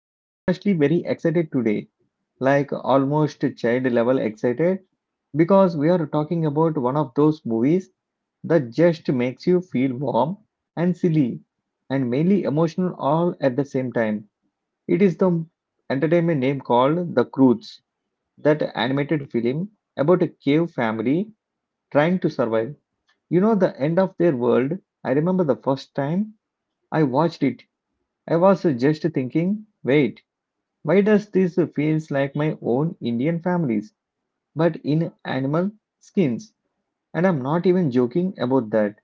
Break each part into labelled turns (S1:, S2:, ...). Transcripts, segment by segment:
S1: I'm honestly very excited today, like almost child level excited, because we are talking about one of those movies that just makes you feel warm and silly and mainly emotional all at the same time. It is the entertainment name called The Croods, that animated film about a cave family trying to survive you know, the end of their world. I remember the first time I watched it, I was just thinking, wait, why does this feels like my own Indian families, but in animal skins? And I'm not even joking about that.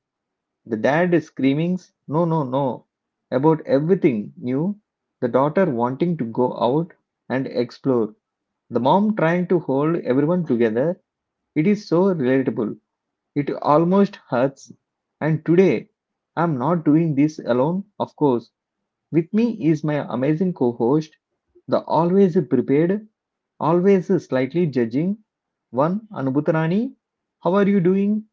S1: The dad is screaming, no, no, no, about everything new. The daughter wanting to go out and explore. The mom trying to hold everyone together. It is so relatable. It almost hurts. And today, I'm not doing this alone, of course. With me is my amazing co host, the always prepared, always slightly judging one, Anubhutarani. How are you doing?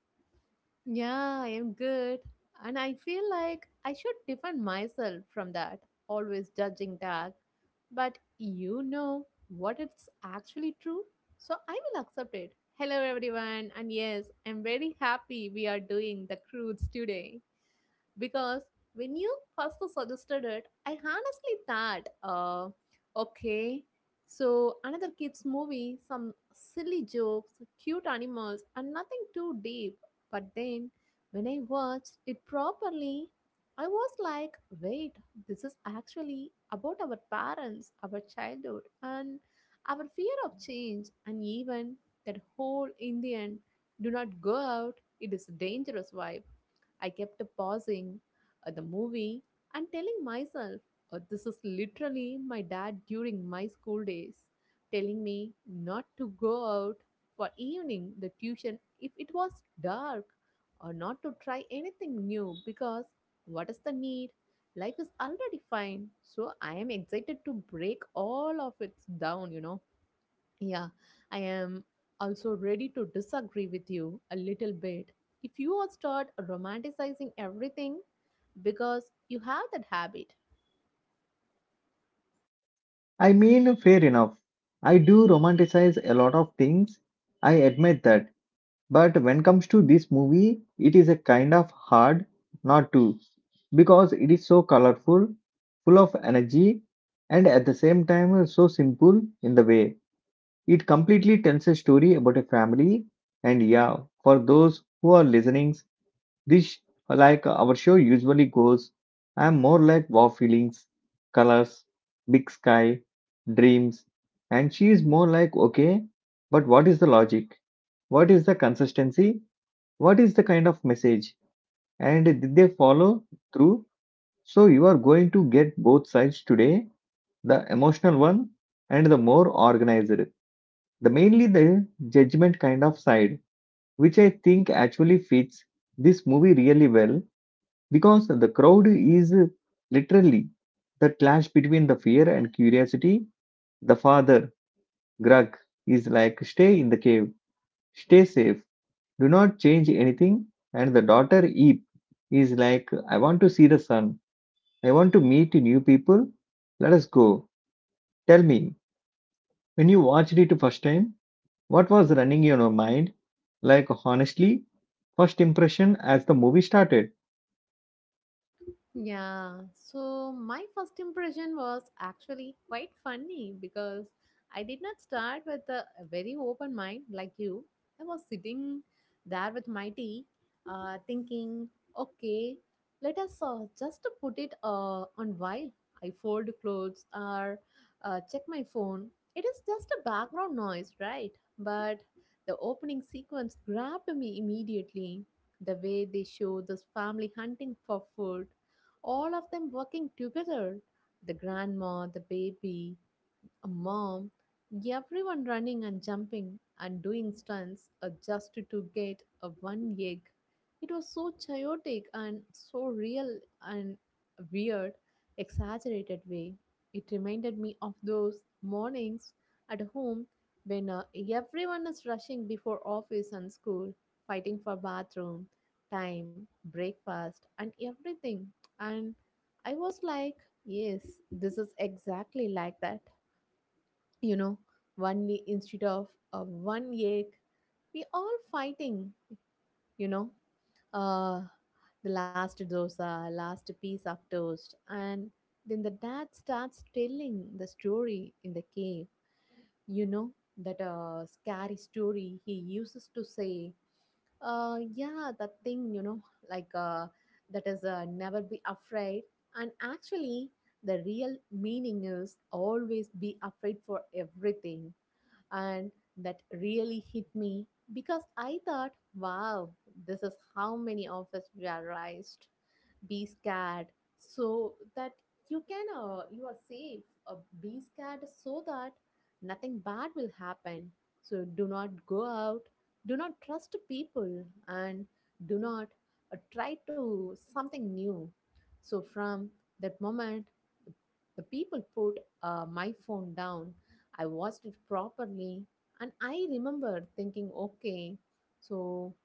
S2: Yeah, I am good. And I feel like I should defend myself from that, always judging that. But you know what, it's actually true, so I will accept it. Hello, everyone. And yes, I'm very happy we are doing the Crudes today because when you first suggested it, I honestly thought, okay, so another kids movie, some silly jokes, cute animals, and nothing too deep. But then when I watched it properly, I was like, wait, this is actually about our parents, our childhood, and our fear of change, and even that whole Indian "do not go out, it is a dangerous" vibe. I kept pausing at the movie and telling myself, this is literally my dad during my school days, telling me not to go out for evening the tuition if it was dark, or not to try anything new because what is the need? Life is already fine. So I am excited to break all of it down, Yeah, I am also ready to disagree with you a little bit if you all start romanticizing everything because you have that habit.
S1: I mean, fair enough. I do romanticize a lot of things. I admit that. But when comes to this movie, it is a kind of hard not to because it is so colorful, full of energy, and at the same time so simple in the way. It completely tells a story about a family, and yeah, for those who are listening, this like our show usually goes, I'm more like wow feelings, colors, big sky, dreams, and she is more like okay, but what is the logic? What is the consistency? What is the kind of message and did they follow through? So you are going to get both sides today, the emotional one and the more organized, the mainly the judgment kind of side, which I think actually fits this movie really well because the crowd is literally the clash between the fear and curiosity. The father grug is like stay in the cave, stay safe. Do not change anything. And the daughter Eve is like, I want to see the sun. I want to meet new people. Let us go. Tell me, when you watched it first time, what was running in your mind? Like, honestly, first impression as the movie started.
S2: Yeah, so my first impression was actually quite funny because I did not start with a very open mind like you. I was sitting there with my tea, thinking, okay, let us just put it on while I fold clothes or check my phone. It is just a background noise, right? But the opening sequence grabbed me immediately. The way they show this family hunting for food, all of them working together, the grandma, the baby, a mom, everyone running and jumping and doing stunts just to get a one egg. It was so chaotic and so real and weird, exaggerated way. It reminded me of those mornings at home when everyone is rushing before office and school, fighting for bathroom, time, breakfast, and everything. And I was like, yes, this is exactly like that, you know, one knee instead of one egg, we all fighting, you know uh the last dosa, last piece of toast. And then the dad starts telling the story in the cave, you know, that scary story he uses to say, yeah, that thing, you know, like that is never be afraid, and actually the real meaning is always be afraid for everything. And that really hit me because I thought, wow, this is how many of us were raised: be scared so that you can you are safe, be scared so that nothing bad will happen. So do not go out, do not trust people, and do not try to something new. So from that moment, the the people put my phone down, I watched it properly, and I remember thinking, okay, so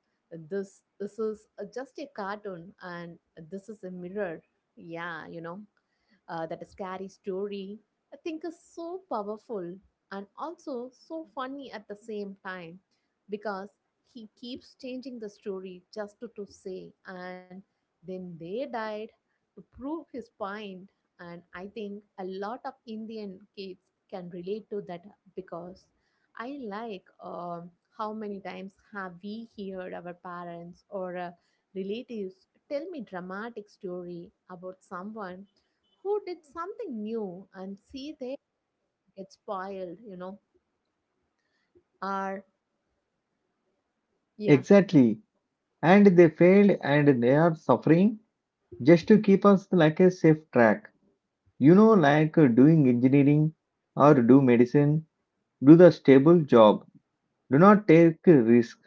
S2: this is just a cartoon, and this is a mirror. Yeah, you know, that scary story, I think, is so powerful and also so funny at the same time because he keeps changing the story just to say, "and then they died," to prove his point. And I think a lot of Indian kids can relate to that because I like how many times have we heard our parents or relatives tell me dramatic story about someone who did something new and see they get spoiled, you know. Or, yeah,
S1: Exactly. And they failed and they are suffering just to keep us like a safe track. You know, like doing engineering or do medicine, do the stable job. Do not take a risk.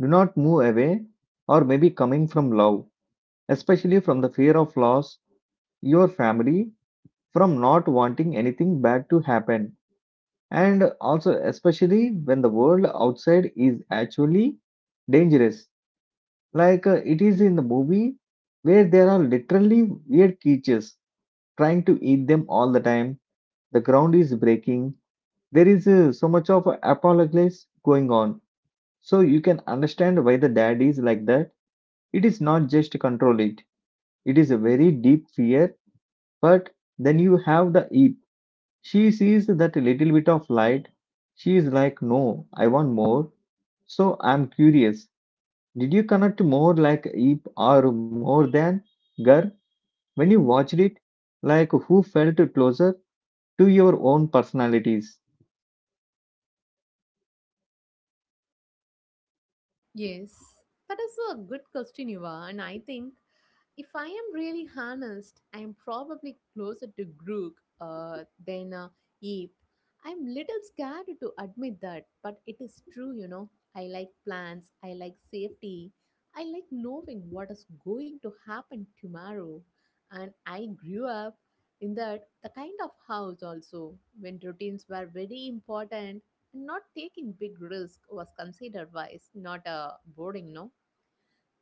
S1: Do not move away or maybe coming from love, especially from the fear of loss, your family, from not wanting anything bad to happen. And also especially when the world outside is actually dangerous. Like it is in the movie where there are literally weird creatures trying to eat them all the time. The ground is breaking. There is so much of apocalypse going on. So you can understand why the dad is like that. It is not just control it. It is a very deep fear. But then you have the Eve. She sees that little bit of light. She is like, no, I want more. So I'm curious. Did you connect more like Eve or more than Gar when you watched it? Like who felt closer to your own personalities?
S2: yes. That is a good question, Eva. And I think, if I am really honest, I am probably closer to Grook than Ape. I'm little scared to admit that, but it is true, you know. I like plans, I like safety, I like knowing what is going to happen tomorrow. And I grew up in that the kind of house also when routines were very important and not taking big risk was considered wise, not boring, no?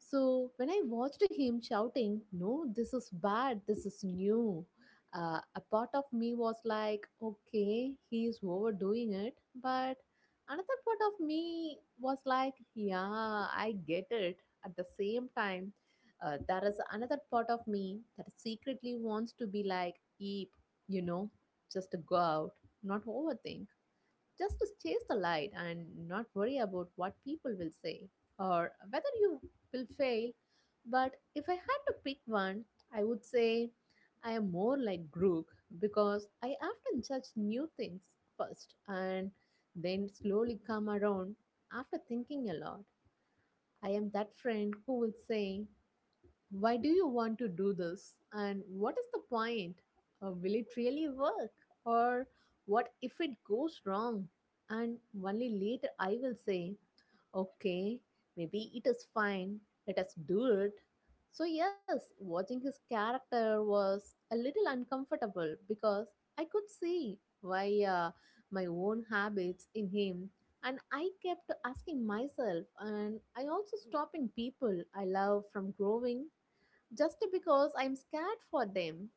S2: So when I watched him shouting, "No, this is bad, this is new," a part of me was like, okay, he's overdoing it. But another part of me was like, yeah, I get it. At the same time, there is another part of me that secretly wants to be like Eep, you know, just go out, not overthink, just to chase the light and not worry about what people will say or whether you will fail. But if I had to pick one, I would say I am more like Grook because I often judge new things first and then slowly come around after thinking a lot. I am that friend who will say, why do you want to do this? And what is the point? Will it really work? Or what if it goes wrong? And only later I will say, okay, maybe it is fine. Let us do it. So, yes, watching his character was a little uncomfortable because I could see why my own habits in him. And I kept asking myself, and I also stopping people I love from growing just because I'm scared for them.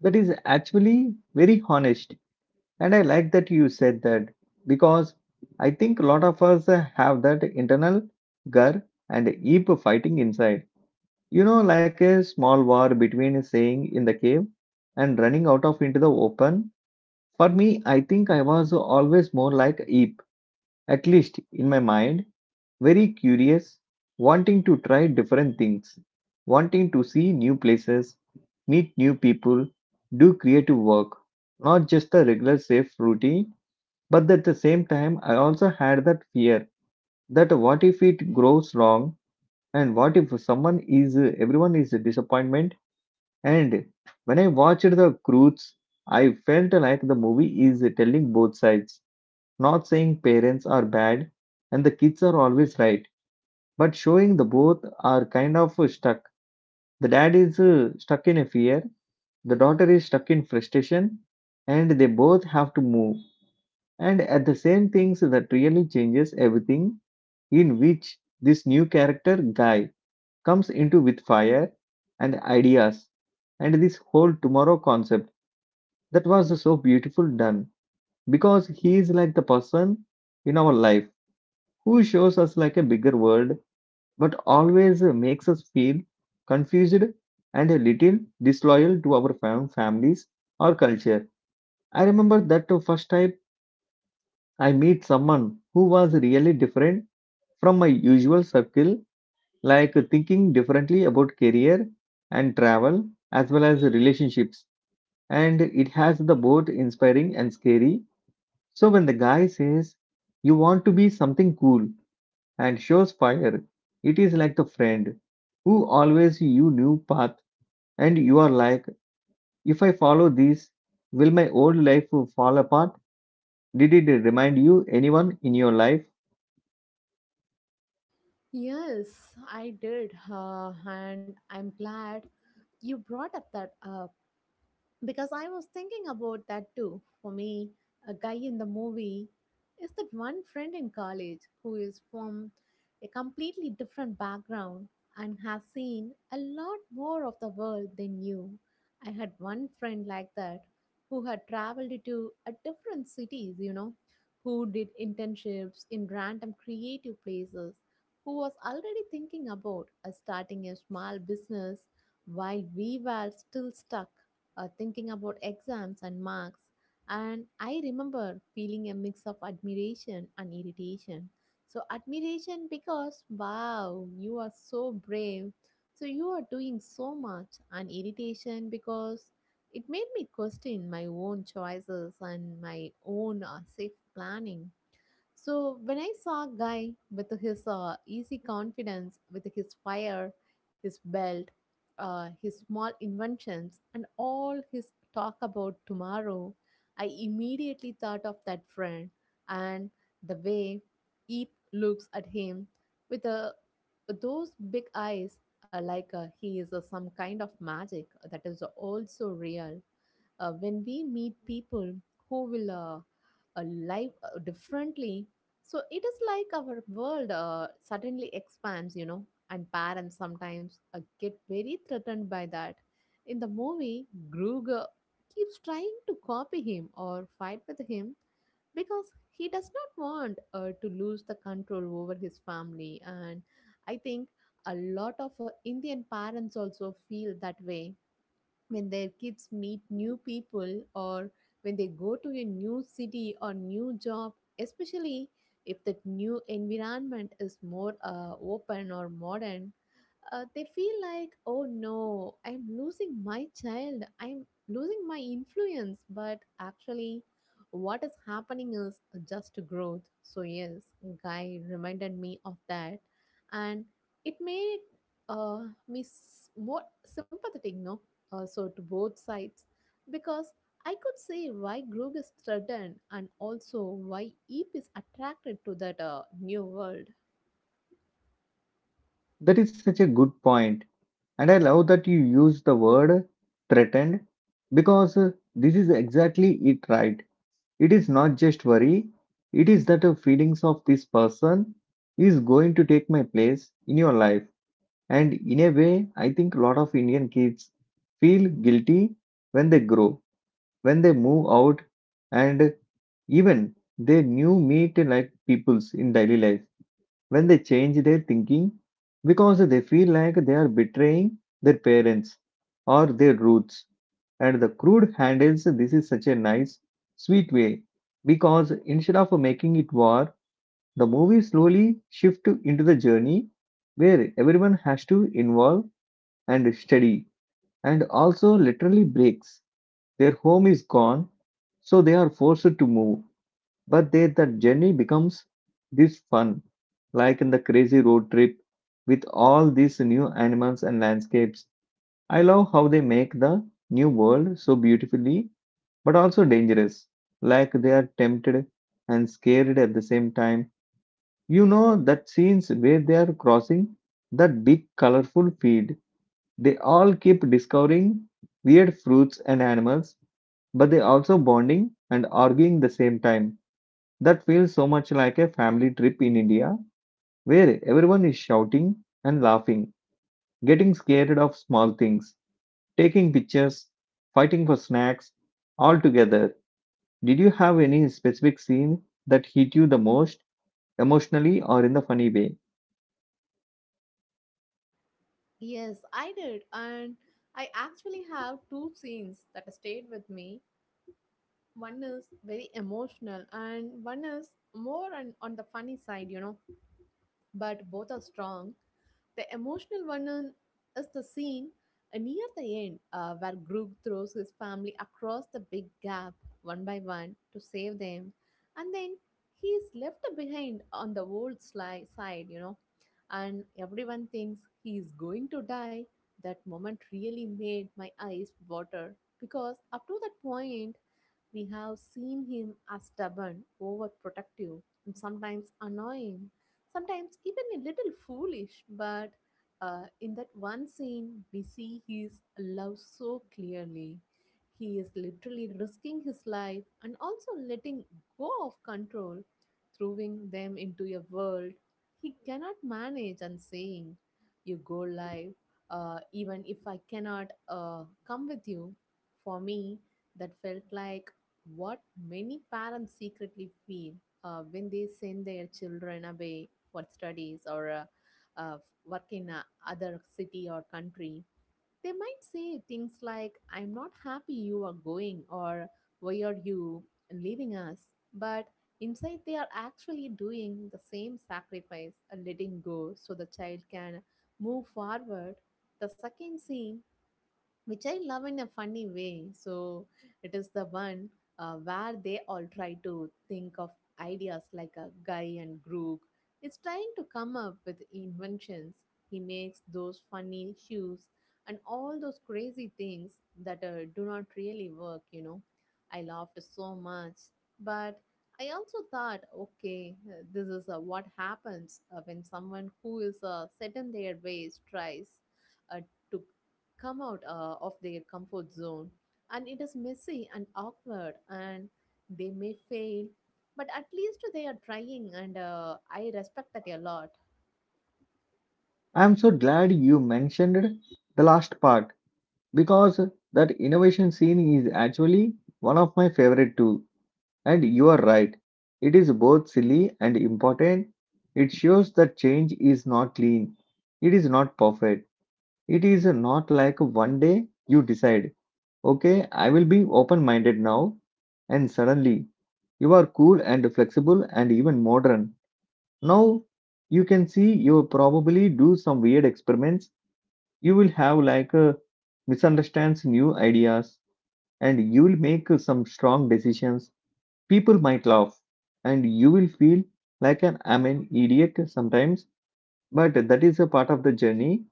S1: That is actually very honest. And I like that you said that because I think a lot of us have that internal gur and Eep fighting inside. You know, like a small war between staying in the cave and running out of into the open. For me, I think I was always more like Eep, at least in my mind, very curious, wanting to try different things, wanting to see new places, meet new people, do creative work, not just the regular safe routine, but at the same time, I also had that fear that what if it grows wrong and what if someone is everyone is a disappointment. And when I watched the Croods, I felt like the movie is telling both sides, not saying parents are bad and the kids are always right, but showing the both are kind of stuck. The dad is stuck in a fear, the daughter is stuck in frustration, and they both have to move, and at the same things that really changes everything in which this new character guy comes into with fire and ideas and this whole tomorrow concept that was so beautiful done because he is like the person in our life who shows us like a bigger world, but always makes us feel confused and a little disloyal to our families or culture. I remember that the first time I meet someone who was really different from my usual circle, like thinking differently about career and travel, as well as relationships. And it has the both inspiring and scary. So when the guy says, you want to be something cool and shows fire, it is like the friend who always you knew path, and you are like, if I follow this, will my old life fall apart? Did it remind you anyone in your life?
S2: Yes, I did. And I'm glad you brought up that up because I was thinking about that too. For me, a guy in the movie is that one friend in college who is from a completely different background and has seen a lot more of the world than you. I had one friend like that who had traveled to a different cities, you know, who did internships in random creative places, who was already thinking about starting a small business while we were still stuck thinking about exams and marks. And I remember feeling a mix of admiration and irritation. So, admiration because wow, you are so brave. So, you are doing so much, and irritation because it made me question my own choices and my own safe planning. So when I saw a guy with his easy confidence, with his fire, his belt, his small inventions, and all his talk about tomorrow, I immediately thought of that friend. And the way Eep looks at him, with a, those big eyes, like he is some kind of magic, that is also real. When we meet people who will live differently, so it is like our world suddenly expands, you know. And parents sometimes get very threatened by that. In the movie, Gruger keeps trying to copy him or fight with him because he does not want to lose the control over his family. And I think a lot of Indian parents also feel that way when their kids meet new people or when they go to a new city or new job, especially if that new environment is more open or modern. They feel like, oh no, I'm losing my child, I'm losing my influence. But actually, what is happening is just growth. So, yes, Guy reminded me of that, and it made me more sympathetic, no? So to both sides, because I could see why Grug is threatened and also why Eep is attracted to that new world.
S1: That is such a good point. And I love that you use the word threatened because this is exactly it, right? It is not just worry, it is that feelings of this person is going to take my place in your life. And in a way, I think a lot of Indian kids feel guilty when they grow, when they move out, and even they new meet like peoples in daily life when they change their thinking because they feel like they are betraying their parents or their roots. And the crude handles this is such a nice, sweet way because instead of making it war, the movie slowly shifts into the journey where everyone has to involve and study and also literally breaks. Their home is gone, so they are forced to move, but there the journey becomes this fun, like in the crazy road trip with all these new animals and landscapes. I love how they make the new world so beautifully but also dangerous, like they are tempted and scared at the same time. You know that scenes where they are crossing that big colorful field. They all keep discovering weird fruits and animals, but they also bonding and arguing the same time. That feels so much like a family trip in India where everyone is shouting and laughing, getting scared of small things, taking pictures, fighting for snacks, all together. Did you have any specific scene that hit you the most emotionally or in the funny way?
S2: Yes, I did. And I actually have two scenes that stayed with me. One is very emotional, and one is more on the funny side, you know, but both are strong. The emotional one is the scene near the end where Grug throws his family across the big gap one by one to save them, and then he is left behind on the old side, you know, and everyone thinks he is going to die. That moment really made my eyes water because up to that point, we have seen him as stubborn, overprotective, and sometimes annoying, sometimes even a little foolish, but in that one scene, we see his love so clearly. He is literally risking his life and also letting go of control, throwing them into a world he cannot manage and saying, you go live, even if I cannot come with you. For me, that felt like what many parents secretly feel when they send their children away for studies or uh, work in a other city or country. They might say things like, I'm not happy you are going, or why are you leaving us? But inside, they are actually doing the same sacrifice, letting go so the child can move forward. The second scene, which I love in a funny way. So it is the one where they all try to think of ideas like a guy and Groog. It's trying to come up with inventions. He makes those funny shoes and all those crazy things that do not really work, you know. I laughed so much, but I also thought, okay, this is what happens when someone who is set in their ways tries uh, to come out of their comfort zone, and it is messy and awkward, and they may fail, but at least they are trying, and I respect that a lot.
S1: I'm so glad you mentioned the last part because that innovation scene is actually one of my favorite too. And you are right, it is both silly and important. It shows that change is not clean, it is not perfect, it is not like one day you decide, okay, I will be open minded now, and suddenly you are cool and flexible and even modern. Now you can see you probably do some weird experiments. You will have like a misunderstands new ideas and you will make some strong decisions. People might laugh, and you will feel like an I'm an idiot sometimes, but that is a part of the journey.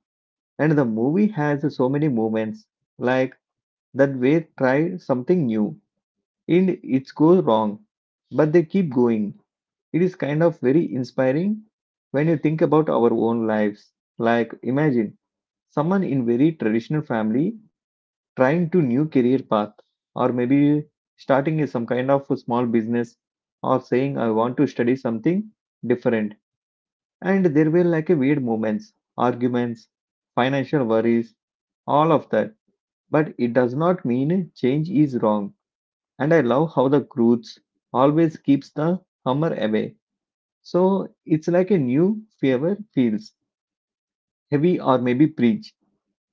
S1: And the movie has so many moments like that where try something new and it goes wrong, but they keep going. It is kind of very inspiring when you think about our own lives. Like imagine someone in very traditional family trying to new career path or maybe starting a, some kind of a small business or saying I want to study something different, and there were like a weird moments, arguments, financial worries, all of that, but it does not mean change is wrong. And I love how the groots always keeps the hammer away so it's like a new fever feels heavy or maybe preach.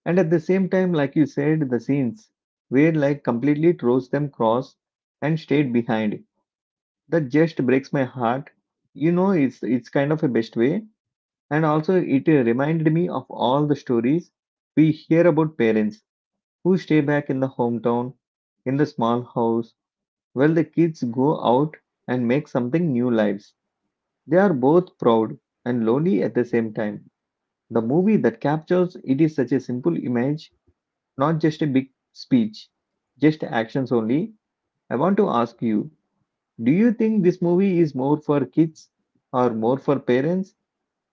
S1: And at the same time, like you said, the scenes where like completely throws them cross and stayed behind. That just breaks my heart. You know, it's kind of a best way. And also it reminded me of all the stories we hear about parents who stay back in the hometown, in the small house, while the kids go out and make something new lives. They are both proud and lonely at the same time. The movie that captures it is such a simple image, not just a big speech, just actions only. I want to ask you, do you think this movie is more for kids or more for parents?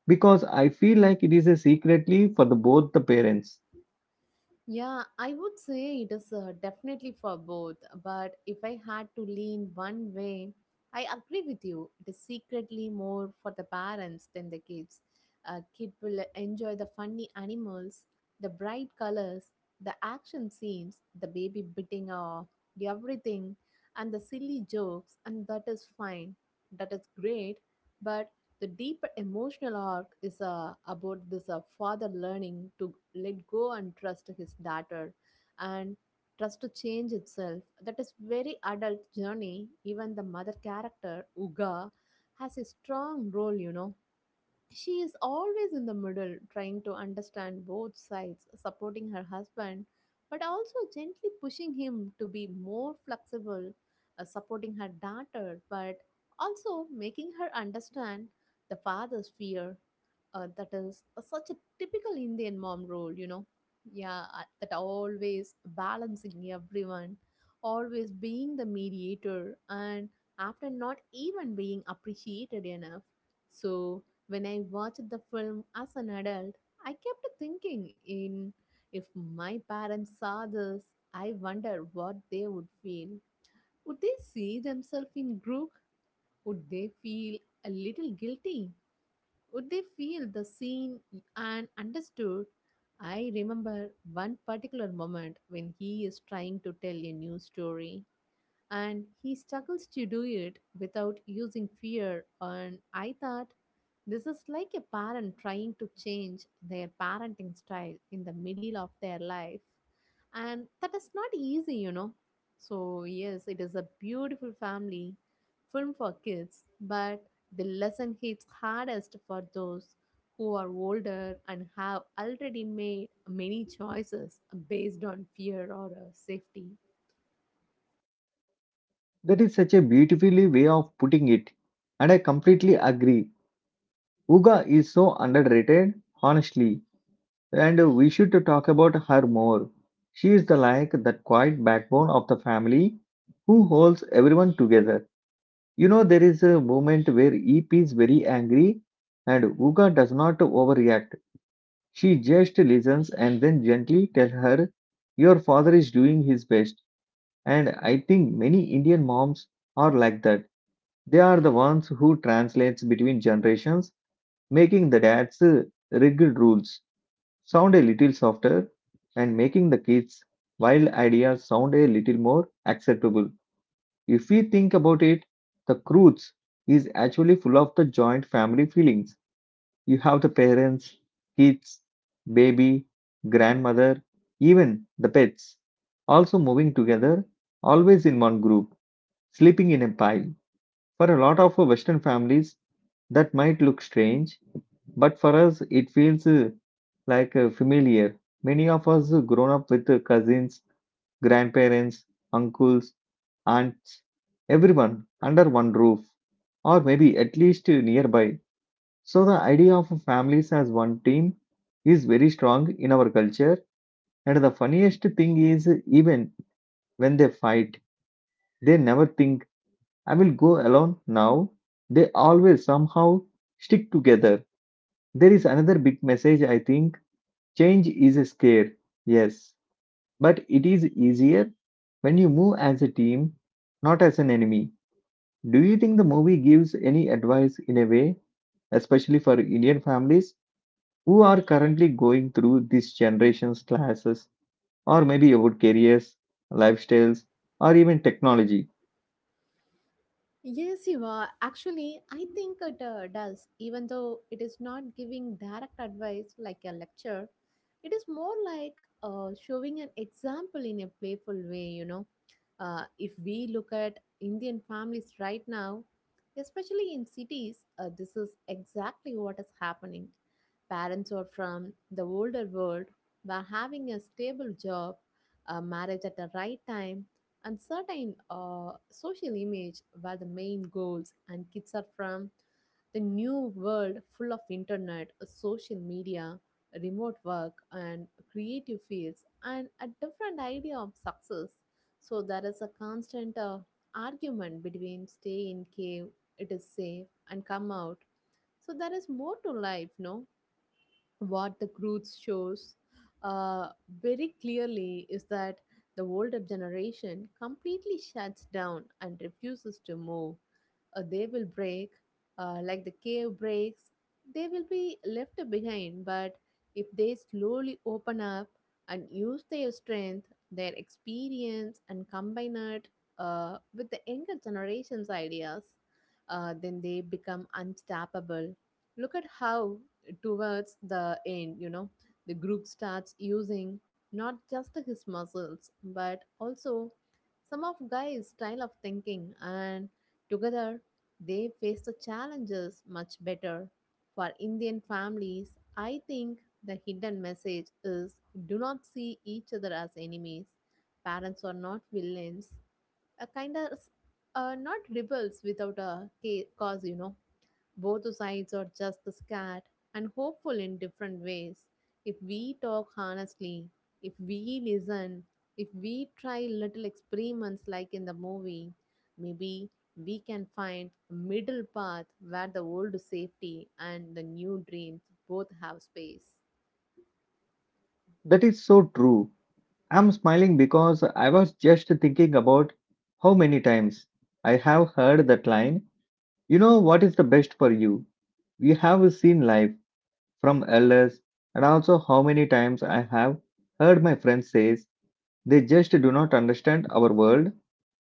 S1: Because I feel like it is a secretly for the, both the parents.
S2: Yeah, I would say it is definitely for both. But if I had to lean one way, I agree with you. It is secretly more for the parents than the kids. A kid will enjoy the funny animals, the bright colors, the action scenes, the baby biting off everything, and the silly jokes, and that is fine. That is great. But the deeper emotional arc is about this father learning to let go and trust his daughter and trust to change itself. That is very adult journey. Even the mother character, Uga, has a strong role. She is always in the middle, trying to understand both sides, supporting her husband, but also gently pushing him to be more flexible, supporting her daughter, but also making her understand the father's fear. That is such a typical Indian mom role. Yeah, that always balancing everyone, always being the mediator, and after not even being appreciated enough. So, when I watched the film as an adult, I kept thinking in if my parents saw this, I wonder what they would feel. Would they see themselves in Grook? Would they feel a little guilty? Would they feel the seen and understood? I remember one particular moment when he is trying to tell a new story and he struggles to do it without using fear. And I thought this is like a parent trying to change their parenting style in the middle of their life, and that is not easy. So, yes, it is a beautiful family film for kids, but the lesson hits hardest for those who are older and have already made many choices based on fear or safety.
S1: That is such a beautifully way of putting it. And I completely agree. Uga is so underrated, honestly, and we should talk about her more. She is the like that quiet backbone of the family who holds everyone together. You know, there is a moment where EP is very angry and Uga does not overreact. She just listens and then gently tell her, your father is doing his best. And I think many Indian moms are like that. They are the ones who translates between generations, making the dad's rigid rules sound a little softer and making the kids' wild ideas sound a little more acceptable. If we think about it, the cruise is actually full of the joint family feelings. You have the parents, kids, baby, grandmother, even the pets, also moving together, always in one group, sleeping in a pile. For a lot of our Western families, that might look strange, but for us, it feels like familiar. Many of us grown up with cousins, grandparents, uncles, aunts, everyone under one roof, or maybe at least nearby. So, the idea of families as one team is very strong in our culture. And the funniest thing is, even when they fight, they never think, I will go alone now. They always somehow stick together. There is another big message, I think change is a scare, yes, but it is easier when you move as a team, not as an enemy. Do you think the movie gives any advice in a way, especially for Indian families who are currently going through this generation's classes, or maybe about careers, lifestyles, or even technology?
S2: Yes, you are. Actually, I think it does, even though it is not giving direct advice like a lecture. It is more like showing an example in a playful way. If we look at Indian families right now, especially in cities, this is exactly what is happening. Parents are from the older world, were having a stable job, a marriage at the right time, and certain social image were the main goals, and kids are from the new world, full of internet, social media, remote work, and creative fields, and a different idea of success. So there is a constant argument between stay in cave, it is safe, and come out, so there is more to life, no? What the Croods shows uh, very clearly is that the older generation completely shuts down and refuses to move, they will break, like the cave breaks, they will be left behind. But if they slowly open up and use their strength, their experience, and combine it with the younger generation's ideas, then they become unstoppable. Look at how, towards the end, the group starts using not just his muscles but also some of Guy's style of thinking, and together they face the challenges much better. For Indian families, I think the hidden message is do not see each other as enemies. Parents are not villains, a kind of are not rebels without a cause. Both sides are just the scared and hopeful in different ways. If we talk honestly, if we listen, if we try little experiments like in the movie, maybe we can find a middle path where the old safety and the new dreams both have space.
S1: That is so true. I'm smiling because I was just thinking about how many times I have heard that line, you know what is the best for you? We have seen life from elders, and also how many times I have heard my friends says they just do not understand our world,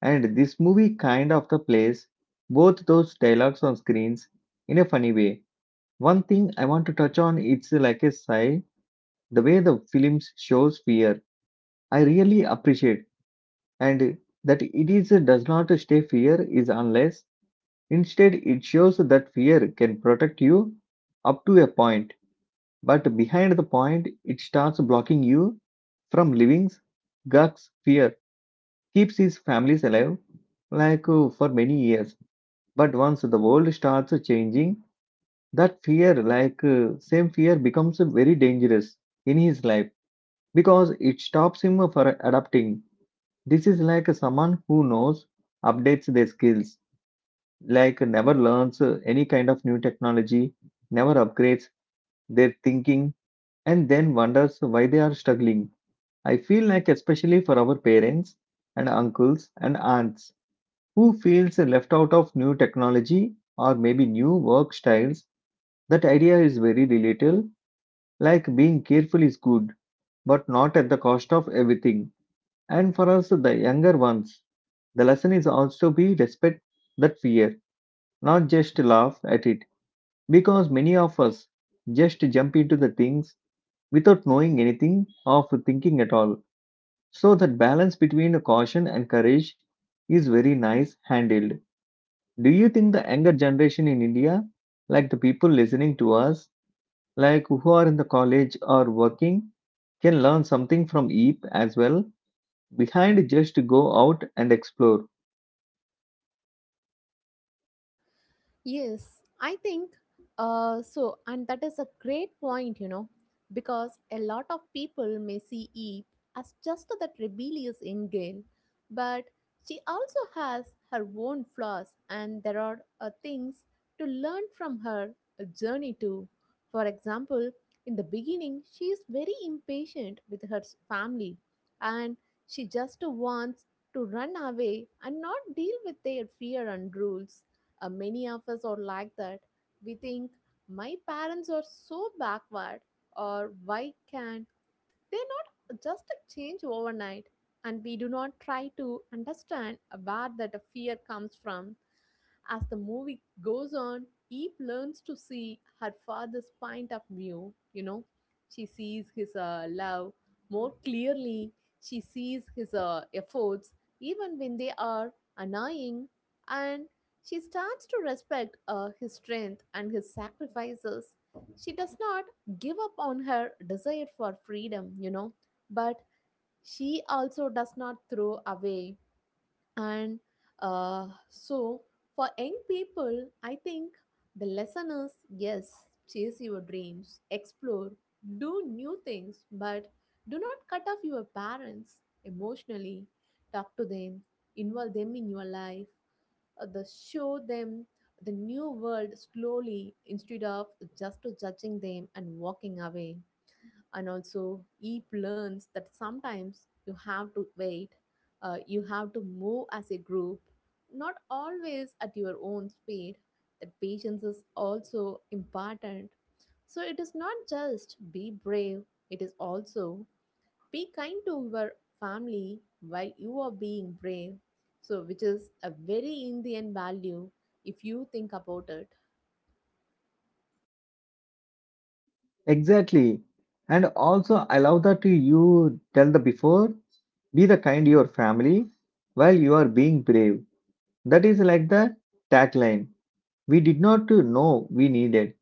S1: and this movie kind of the plays both those dialogues on screens in a funny way. One thing I want to touch on it's like a sigh, the way the film shows fear. I really appreciate and that it is does not stay fear is unless instead it shows that fear can protect you up to a point, but behind the point it starts blocking you from living Gag's fear keeps his families alive like for many years. But once the world starts changing, that fear, like same fear, becomes very dangerous in his life because it stops him for adapting. This is like someone who knows, updates their skills, like never learns any kind of new technology, never upgrades their thinking, and then wonders why they are struggling. I feel like, especially for our parents and uncles and aunts who feels left out of new technology or maybe new work styles. That idea is very relatable, like being careful is good, but not at the cost of everything. And for us, the younger ones, the lesson is also be respect that fear, not just laugh at it, because many of us just jump into the things without knowing anything of thinking at all. So that balance between caution and courage is very nice handled. Do you think the younger generation in India, like the people listening to us, like who are in the college or working, can learn something from EAP as well, behind just to go out and explore?
S2: Yes, I think so, and that is a great point, because a lot of people may see Eve as just that rebellious angel, but she also has her own flaws, and there are things to learn from her journey too. For example, in the beginning, she is very impatient with her family, and she just wants to run away and not deal with their fear and rules. Many of us are like that. We think, my parents are so backward, or why can't they not just change overnight? And we do not try to understand where that fear comes from. As the movie goes on, Eve learns to see her father's point of view. She sees his love more clearly, she sees his efforts, even when they are annoying, and she starts to respect his strength and his sacrifices. She does not give up on her desire for freedom, but she also does not throw away. And so, for young people, I think the lesson is yes, chase your dreams, explore, do new things, but do not cut off your parents emotionally. Talk to them, involve them in your life. The show them the new world slowly instead of just judging them and walking away. And also, Eve learns that sometimes you have to wait, you have to move as a group, not always at your own speed. That patience is also important. So it is not just be brave, it is also be kind to your family while you are being brave. So which is a very indian value, if you think about it.
S1: Exactly. And also, I love that you tell the before, be the kind to your family while you are being brave. That is like the tagline. We did not know we needed.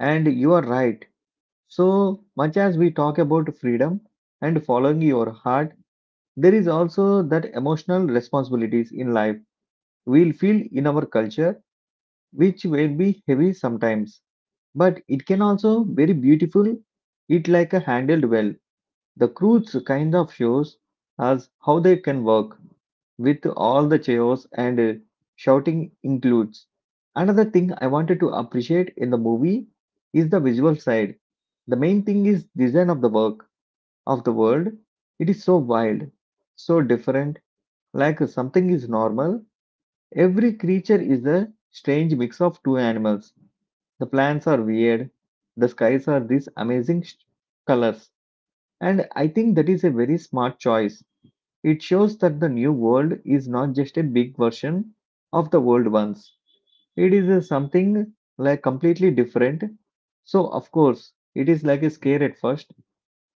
S1: And you are right. So much as we talk about freedom and following your heart, there is also that emotional responsibilities in life we'll feel in our culture, which will be heavy sometimes, but it can also very beautiful. It like a handled well. The cruise kind of shows us how they can work with all the chaos and shouting includes. Another thing I wanted to appreciate in the movie is the visual side. The main thing is design of the work of the world. It is so wild, so different like something is normal, every creature is a strange mix of two animals. The plants are weird, the skies are these amazing colors. And I think that is a very smart choice. It shows that the new world is not just a big version of the old ones. It is a something like completely different. So, of course, it is like a scare at first.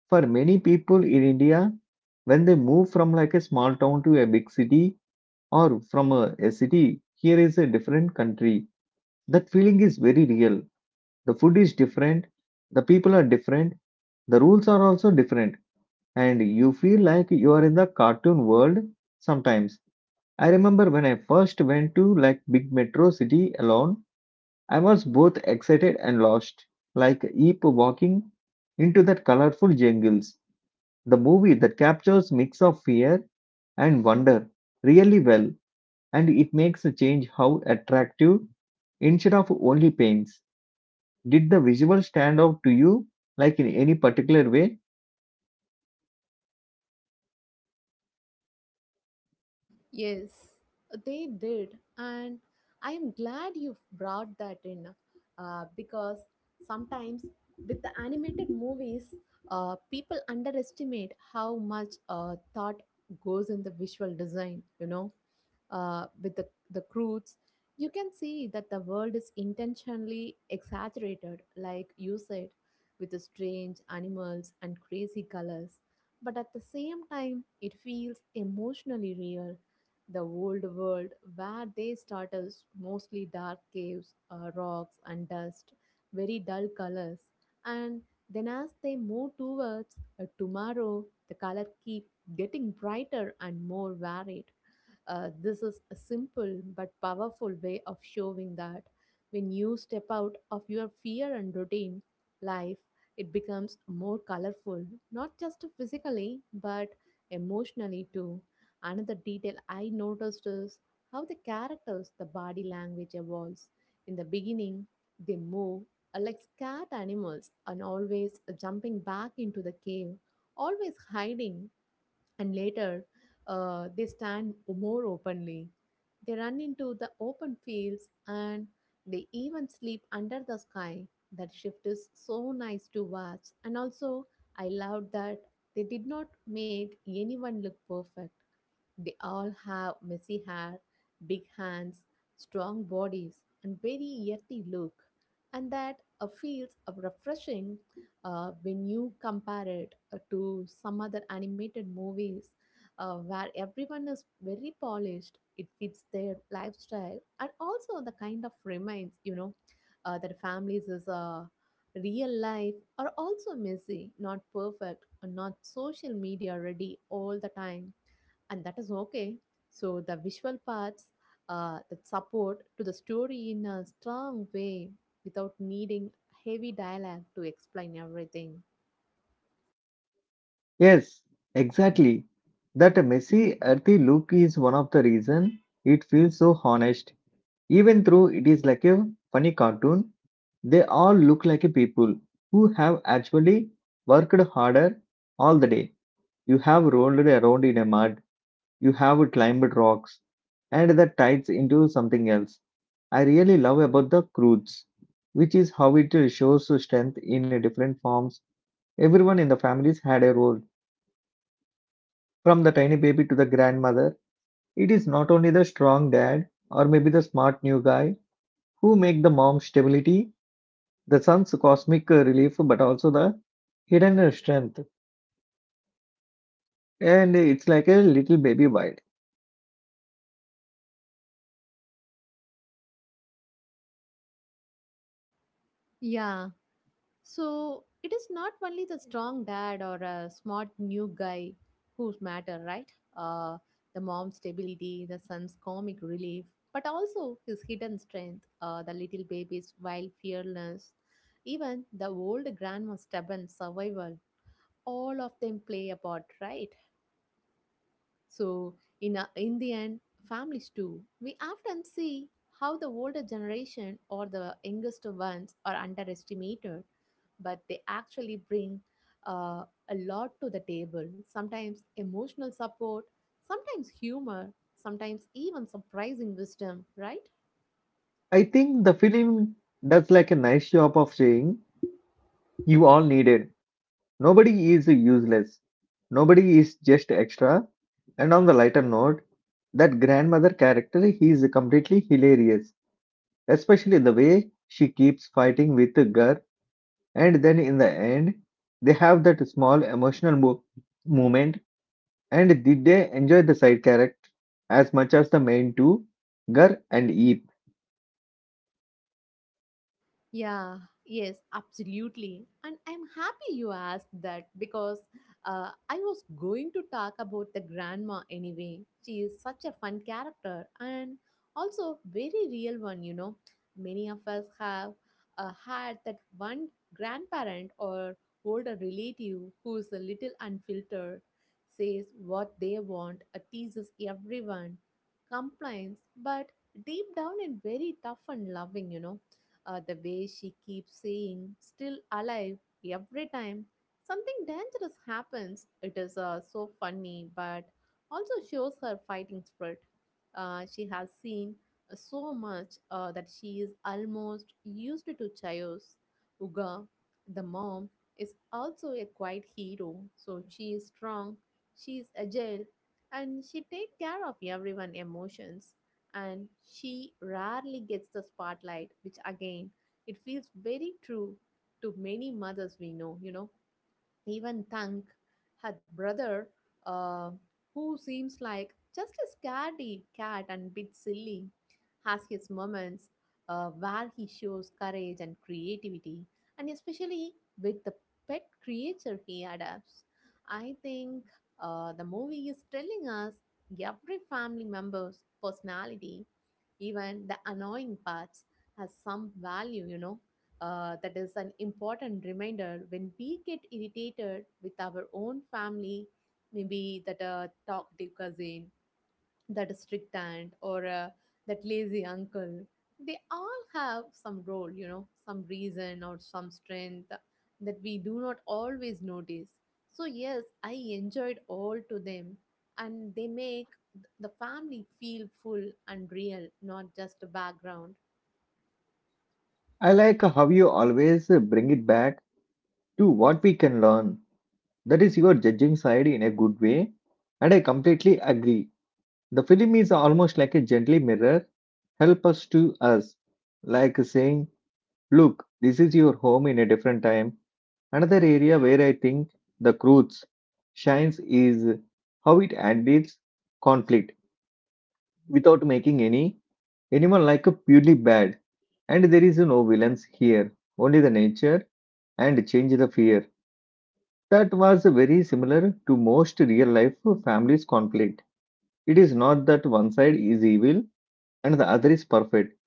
S1: For many people in India, when they move from like a small town to a big city or from a city, here is a different country. That feeling is very real. The food is different, the people are different, the rules are also different, and you feel like you are in the cartoon world sometimes. I remember when I first went to like big metro city alone, I was both excited and lost, like Eep walking into that colorful jungles. The movie that captures mix of fear and wonder really well and it makes a change how attractive instead of only paints. Did the visual stand out to you like in any particular way?
S2: Yes, they did. And I am glad you brought that in, because sometimes with the animated movies, people underestimate how much thought goes in the visual design. With the crudes, you can see that the world is intentionally exaggerated, like you said, with the strange animals and crazy colors. But at the same time, it feels emotionally real. The old world, where they start as mostly dark caves, rocks, and dust, very dull colors. And then, as they move towards a tomorrow, the color keep getting brighter and more varied. This is a simple but powerful way of showing that when you step out of your fear and routine, life it becomes more colorful, not just physically but emotionally too. Another detail I noticed is how the characters, the body language evolves. In the beginning, they move are like scared animals and always jumping back into the cave, always hiding, and later they stand more openly. They run into the open fields and they even sleep under the sky. That shift is so nice to watch, and also I loved that they did not make anyone look perfect. They all have messy hair, big hands, strong bodies, and very earthy look. And that feels refreshing when you compare it to some other animated movies where everyone is very polished. It fits their lifestyle, and also the kind of reminds that families is real life are also messy, not perfect, and not social media ready all the time, and that is okay. So the visual parts that support to the story in a strong way without needing heavy dialogue to explain everything.
S1: Yes, exactly. That messy, earthy look is one of the reason it feels so honest. Even though it is like a funny cartoon, they all look like a people who have actually worked harder all the day. You have rolled around in a mud. You have climbed rocks and the tides into something else. I really love about the cruise, which is how it shows strength in different forms. Everyone in the families had a role, from the tiny baby to the grandmother. It is not only the strong dad or maybe the smart new guy who make the mom's stability, the son's cosmic relief, but also the hidden strength. And it's like a little baby wild.
S2: Yeah. So it is not only the strong dad or a smart new guy who matter, right? The mom's stability, the son's comic relief, but also his hidden strength, the little baby's wild fearlessness, even the old grandma's stubborn survival, all of them play a part, right? So in the end, families too, we often see how the older generation or the youngest ones are underestimated, but they actually bring uh, a lot to the table, sometimes emotional support, sometimes humor, sometimes even surprising wisdom, right?
S1: I think the film does like a nice job of saying you all needed. Nobody is useless. Nobody is just extra. And on the lighter note, that grandmother character he is completely hilarious, especially the way she keeps fighting with Gar, and then in the end, they have that small emotional moment. And did they enjoy the side character as much as the main two, Gar and Eep?
S2: Yeah, yes, absolutely. And I'm happy you asked that, because I was going to talk about the grandma anyway. She is such a fun character, and also very real one. Many of us have had that one grandparent or older relative who is a little unfiltered, says what they want, teases everyone, complains, but deep down and very tough and loving. The way she keeps saying, still alive, every time something dangerous happens, it is so funny, but also shows her fighting spirit. She has seen so much that she is almost used to chaos. Uga, the mom, is also a quiet hero, so she is strong, she is agile, and she take care of everyone emotions, and she rarely gets the spotlight, which again, it feels very true to many mothers we know. Even Tank had brother, uh, who seems like just a scaredy cat and bit silly, has his moments where he shows courage and creativity, and especially with the pet creature he adopts. I think the movie is telling us every family member's personality, even the annoying parts, has some value. That is an important reminder when we get irritated with our own family, maybe that talkative cousin, that strict aunt, or that lazy uncle. They all have some role, you know, some reason or some strength that we do not always notice. So, yes, I enjoyed all to them, and they make the family feel full and real, not just a background.
S1: I like how you always bring it back to what we can learn. That is your judging side in a good way, and I completely agree. The film is almost like a gentle mirror, help us to us, like saying, look, this is your home in a different time. Another area where I think the cruise shines is how it handles conflict without making anyone like a purely bad. And there is no villains here, only the nature and change the fear. That was very similar to most real life families conflict. It is not that one side is evil and the other is perfect.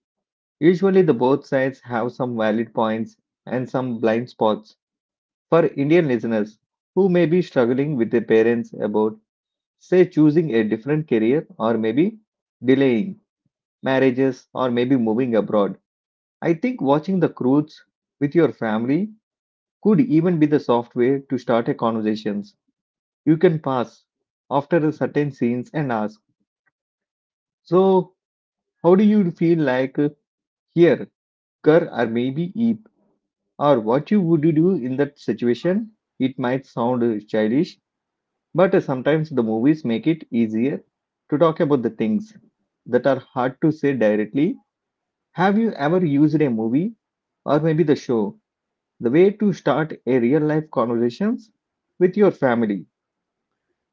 S1: Usually, the both sides have some valid points and some blind spots. For Indian listeners who may be struggling with their parents about, say, choosing a different career or maybe delaying marriages or maybe moving abroad, I think watching the Croods with your family could even be the software to start a conversation. You can pass after a certain scenes and ask, so, how do you feel like here, Kar or maybe Eep? Or what you would do in that situation? It might sound childish, but sometimes the movies make it easier to talk about the things that are hard to say directly. Have you ever used a movie or maybe the show, the way to start a real life conversations with your family?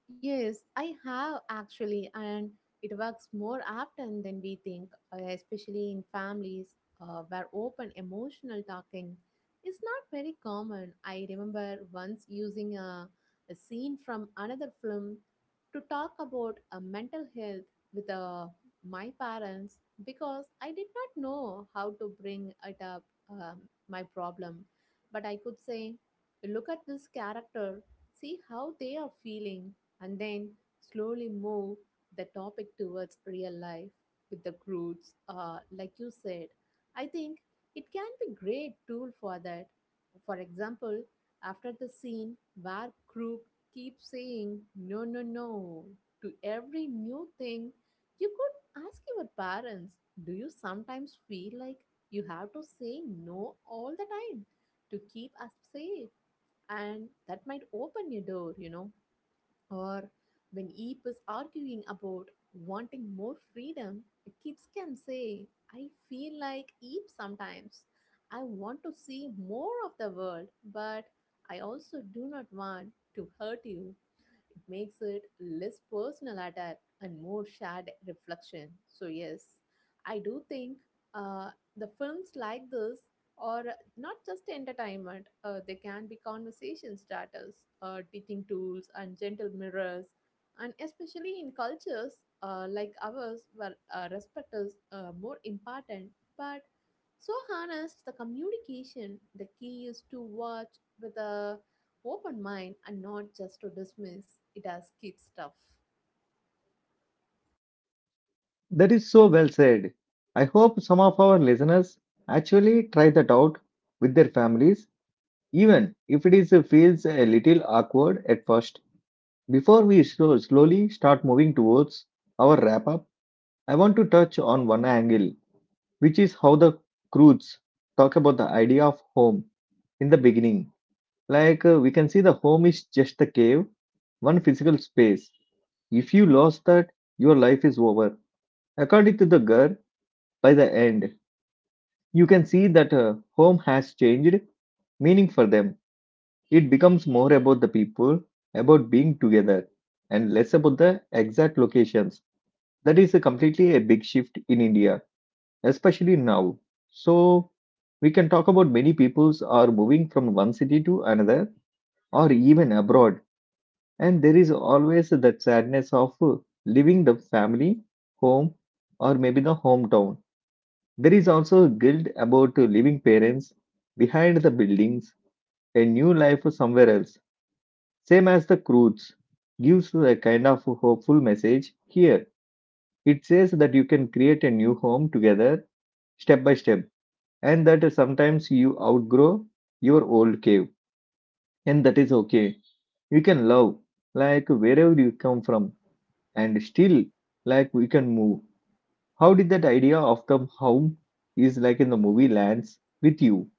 S2: Yes, I have actually, and it works more often than we think, especially in families where open emotional talking is not very common. I remember once using a scene from another film to talk about mental health with my parents because I did not know how to bring it up, um, my problem. But I could say, look at this character, see how they are feeling and then slowly move the topic towards real life with the groups, like you said. I think it can be great tool for that. For example, after the scene where Krug keeps saying no, no, no to every new thing, you could ask your parents, do you sometimes feel like you have to say no all the time to keep us safe? And that might open your door, you know. Or when Eep is arguing about wanting more freedom, kids can say, I feel like Eep sometimes. I want to see more of the world, but I also do not want to hurt you. It makes it less personal attack and more shared reflection. So, yes, I do think uh, the films like this are not just entertainment. They can be conversation starters, teaching tools, and gentle mirrors. And especially in cultures like ours, where respect is more important, but so harness the communication. The key is to watch with a open mind and not just to dismiss it as kid stuff.
S1: That is so well said. I hope some of our listeners actually try that out with their families, even if it is feels a little awkward at first. Before we slowly start moving towards our wrap up, I want to touch on one angle, which is how the crews talk about the idea of home in the beginning. Like we can see, the home is just the cave, one physical space. If you lost that, your life is over. According to the girl, by the end you can see that home has changed meaning for them. It becomes more about the people, about being together, and less about the exact locations. That is a completely a big shift in India, especially now. So, we can talk about many peoples are moving from one city to another or even abroad, and there is always that sadness of leaving the family, home, or maybe the hometown. There is also guilt about leaving parents behind the buildings, a new life somewhere else. Same as the Croods gives a kind of hopeful message here. It says that you can create a new home together step by step and that sometimes you outgrow your old cave and that is okay. You can love like wherever you come from and still like we can move. How did that idea of the home is like in the movie lands with you?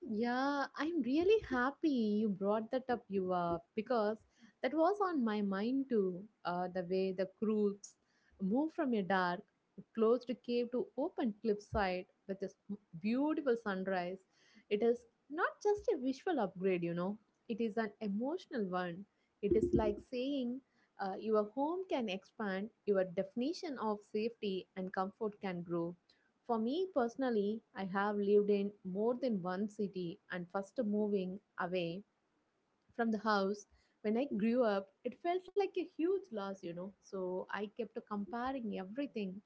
S2: Yeah, I'm really happy you brought that up, Yuva, because that was on my mind too. The way the crews move from a dark, closed cave to open cliffside with this beautiful sunrise. It is not just a visual upgrade, you know, it is an emotional one. It is like saying your home can expand, your definition of safety and comfort can grow. For me personally, I have lived in more than one city and first moving away from the house. When I grew up, it felt like a huge loss, you know. So I kept comparing everything,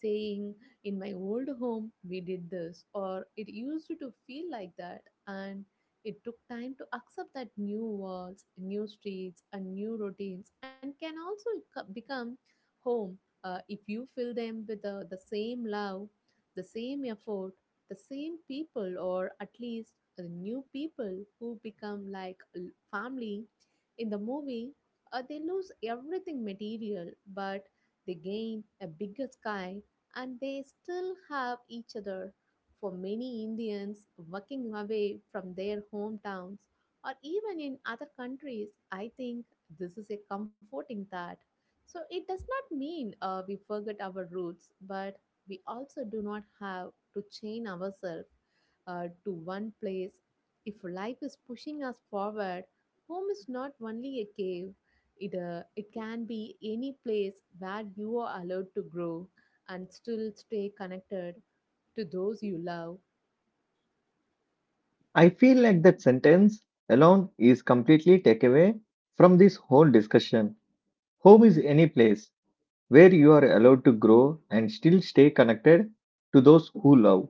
S2: saying, in my old home, we did this, or it used to feel like that. And it took time to accept that new walls, new streets, and new routines, and can also become home if you fill them with the same love, the same effort, the same people, or at least new people who become like family in the movie. They lose everything material, but they gain a bigger sky and they still have each other. For many indians working away from their hometowns or even in other countries, I think this is a comforting thought. So it does not mean we forget our roots, but we also do not have to chain ourselves to one place. If life is pushing us forward, home is not only a cave, it, it can be any place where you are allowed to grow and still stay connected to those you love.
S1: I feel like that sentence alone is completely takeaway from this whole discussion. Home is any place where you are allowed to grow and still stay connected to those who love.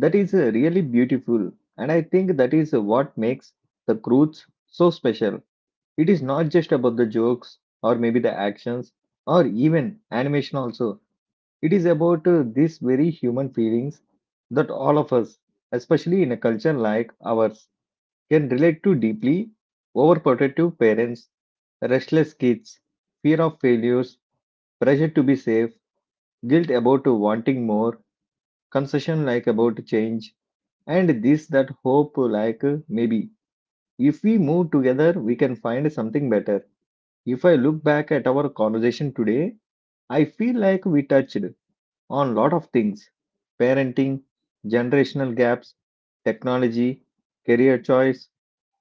S1: That is really beautiful, and I think that is what makes the Croods so special. It is not just about the jokes or maybe the actions or even animation also. It is about these very human feelings that all of us, especially in a culture like ours, can relate to deeply overprotective parents, restless kids, fear of failures, pressure to be safe, guilt about wanting more, concession like about change, and this that hope like maybe. If we move together, we can find something better. If I look back at our conversation today, I feel like we touched on lot of things parenting, generational gaps, technology, career choice,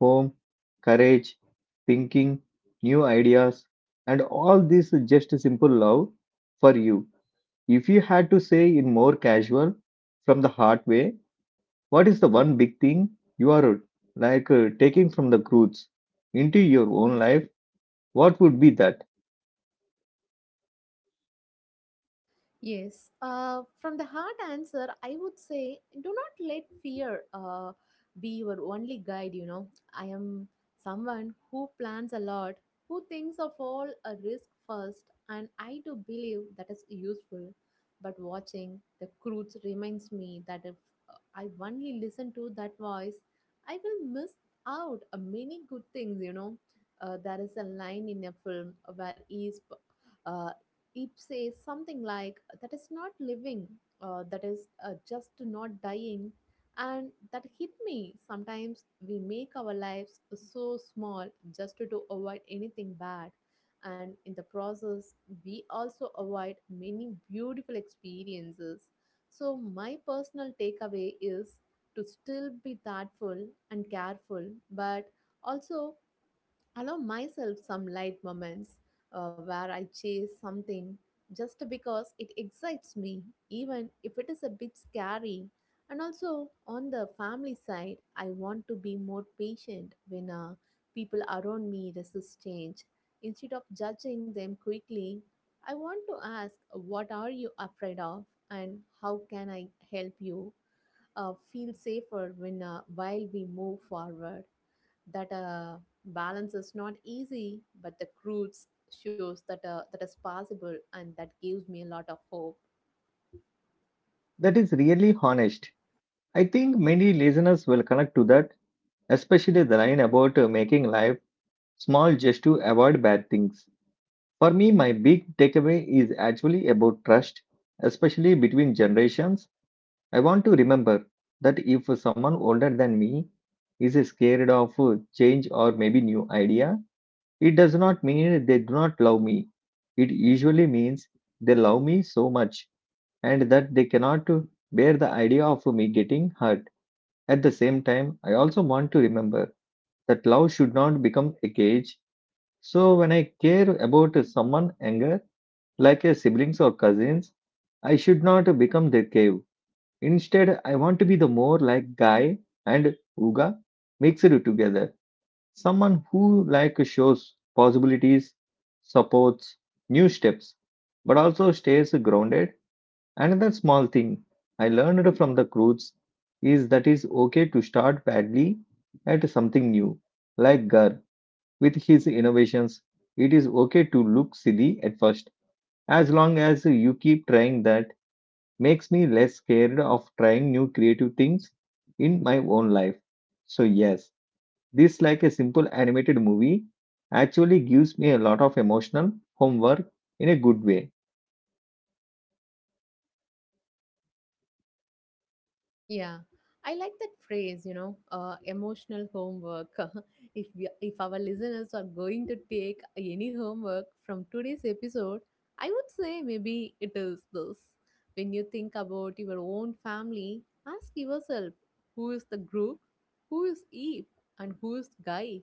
S1: home, courage, thinking, new ideas, and all this is just simple love for you. If you had to say in more casual, from the heart way, what is the one big thing you are like taking from the roots into your own life? What would be that?
S2: Yes, from the hard answer, I would say do not let fear be your only guide. You know, I am someone who plans a lot, who thinks of all a risk first, and I do believe that is useful. But watching the crudes reminds me that if I only listen to that voice, I will miss out a many good things. You know, there is a line in a film where he is. Uh, it says something like that is not living, that is just not dying. And that hit me. Sometimes we make our lives so small just to avoid anything bad, and in the process we also avoid many beautiful experiences. So my personal takeaway is to still be thoughtful and careful, but also allow myself some light moments where I chase something just because it excites me, even if it is a bit scary. And also, on the family side, I want to be more patient when people around me resist change. Instead of judging them quickly, I want to ask, what are you afraid of? And how can I help you feel safer when while we move forward? That balance is not easy, but the cruise shows that that is possible, and that gives me a lot of hope.
S1: That is really honest. I think many listeners will connect to that especially the line about making life small just to avoid bad things. For me, my big takeaway is actually about trust, especially between generations. I want to remember that if someone older than me is scared of change or maybe new idea, it does not mean they do not love me. It usually means they love me so much and that they cannot bear the idea of me getting hurt. At the same time, I also want to remember that love should not become a cage. So when I care about someone younger, like a siblings or cousins, I should not become their cave. Instead, I want to be the more like Guy and Uga mixed together. Someone who like shows possibilities, supports new steps, but also stays grounded. Another small thing I learned from the cruise is that it's okay to start badly at something new, like Gar. With his innovations, it is okay to look silly at first, as long as you keep trying that makes me less scared of trying new creative things in my own life. So yes, this like a simple animated movie actually gives me a lot of emotional homework in a good way.
S2: Yeah, I like that phrase, you know, emotional homework. If our listeners are going to take any homework from today's episode, I would say maybe it is this. When you think about your own family, ask yourself who is the group, who is Eve, and who is Guy,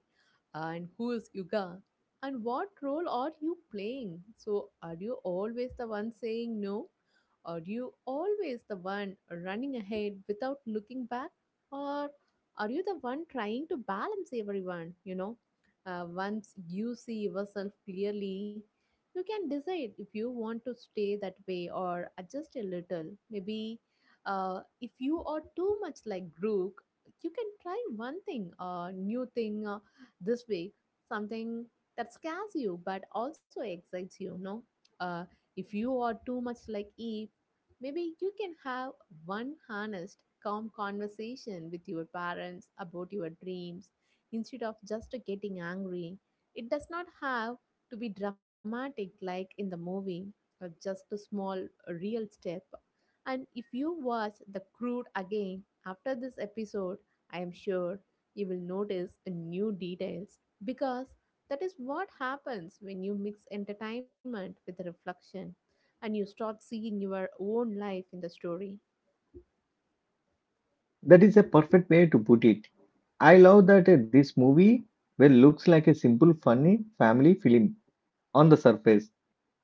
S2: and who is Yuga, and what role are you playing? So, are you always the one saying no? Are you always the one running ahead without looking back? Or are you the one trying to balance everyone? You know, once you see yourself clearly, you can decide if you want to stay that way or adjust a little. Maybe if you are too much like Grook, you can try new thing this week, something that scares you but also excites you. No, uh, if you are too much like Eve, maybe you can have one honest, calm conversation with your parents about your dreams instead of just getting angry. It does not have to be dramatic like in the movie, or just a small, real step. And if you watch The Crude again after this episode, I am sure you will notice a new details, because that is what happens when you mix entertainment with reflection and you start seeing your own life in the story.
S1: That is a perfect way to put it. I love that this movie well looks like a simple funny family film on the surface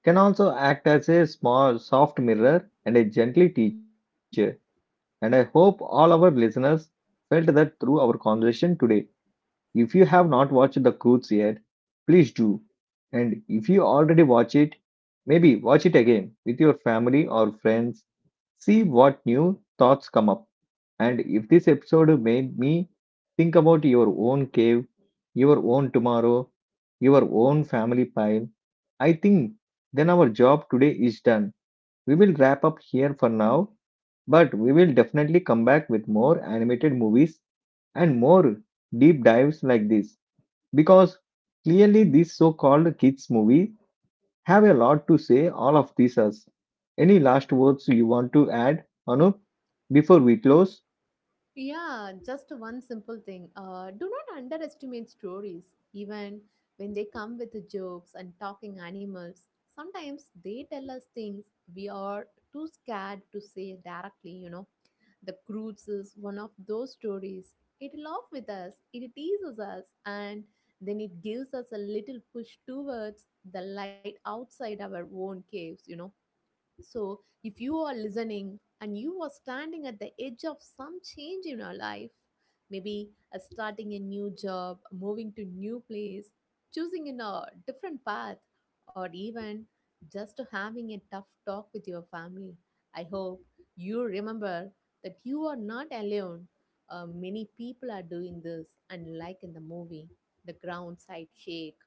S1: can also act as a small soft mirror and a gently teacher. And I hope all our listeners felt that through our conversation today. If you have not watched The Croods yet, please do. And if you already watch it, maybe watch it again with your family or friends. See what new thoughts come up. And if this episode made me think about your own cave, your own tomorrow, your own family pile, I think then our job today is done. We will wrap up here for now, but we will definitely come back with more animated movies and more deep dives like this because clearly these so-called kids movie have a lot to say all of this us. Any last words you want to add, Anup, before we close?
S2: Yeah, just one simple thing. Do not underestimate stories, even when they come with jokes and talking animals. Sometimes they tell us things we are too scared to say directly, you know. The Croods is one of those stories. It laughs with us, it teases us, and then it gives us a little push towards the light outside our own caves, you know. So, if you are listening and you are standing at the edge of some change in your life, maybe starting a new job, moving to new place, choosing in a different path, or even just having a tough talk with your family, I hope you remember that you are not alone. Many people are doing this, and like in the movie, the ground side shake.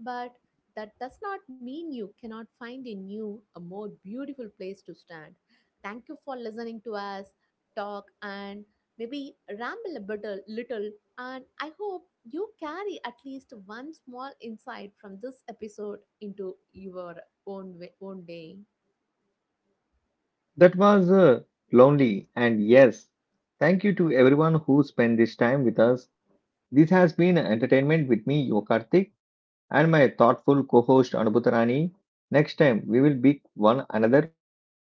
S2: But that does not mean you cannot find in you a more beautiful place to stand. Thank you for listening to us talk and maybe ramble a little, little. And I hope you carry at least one small insight from this episode into your own way, own day.
S1: That was lonely, and yes, thank you to everyone who spent this time with us. This has been entertainment with me, Yokartik, and my thoughtful co-host Anubhutarani. Next time, we will pick one another film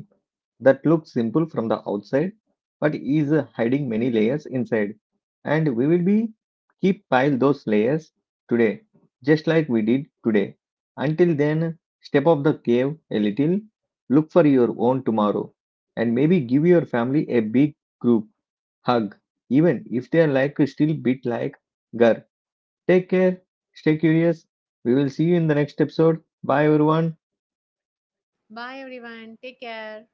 S1: that looks simple from the outside, but is hiding many layers inside, and we will be keep pile those layers today, just like we did today. Until then, step off the cave a little, look for your own tomorrow, and maybe give your family a big group hug, even if they are like still bit like girl. Take care, stay curious. We will see you in the next episode. Bye, everyone.
S2: Bye, everyone. Take care.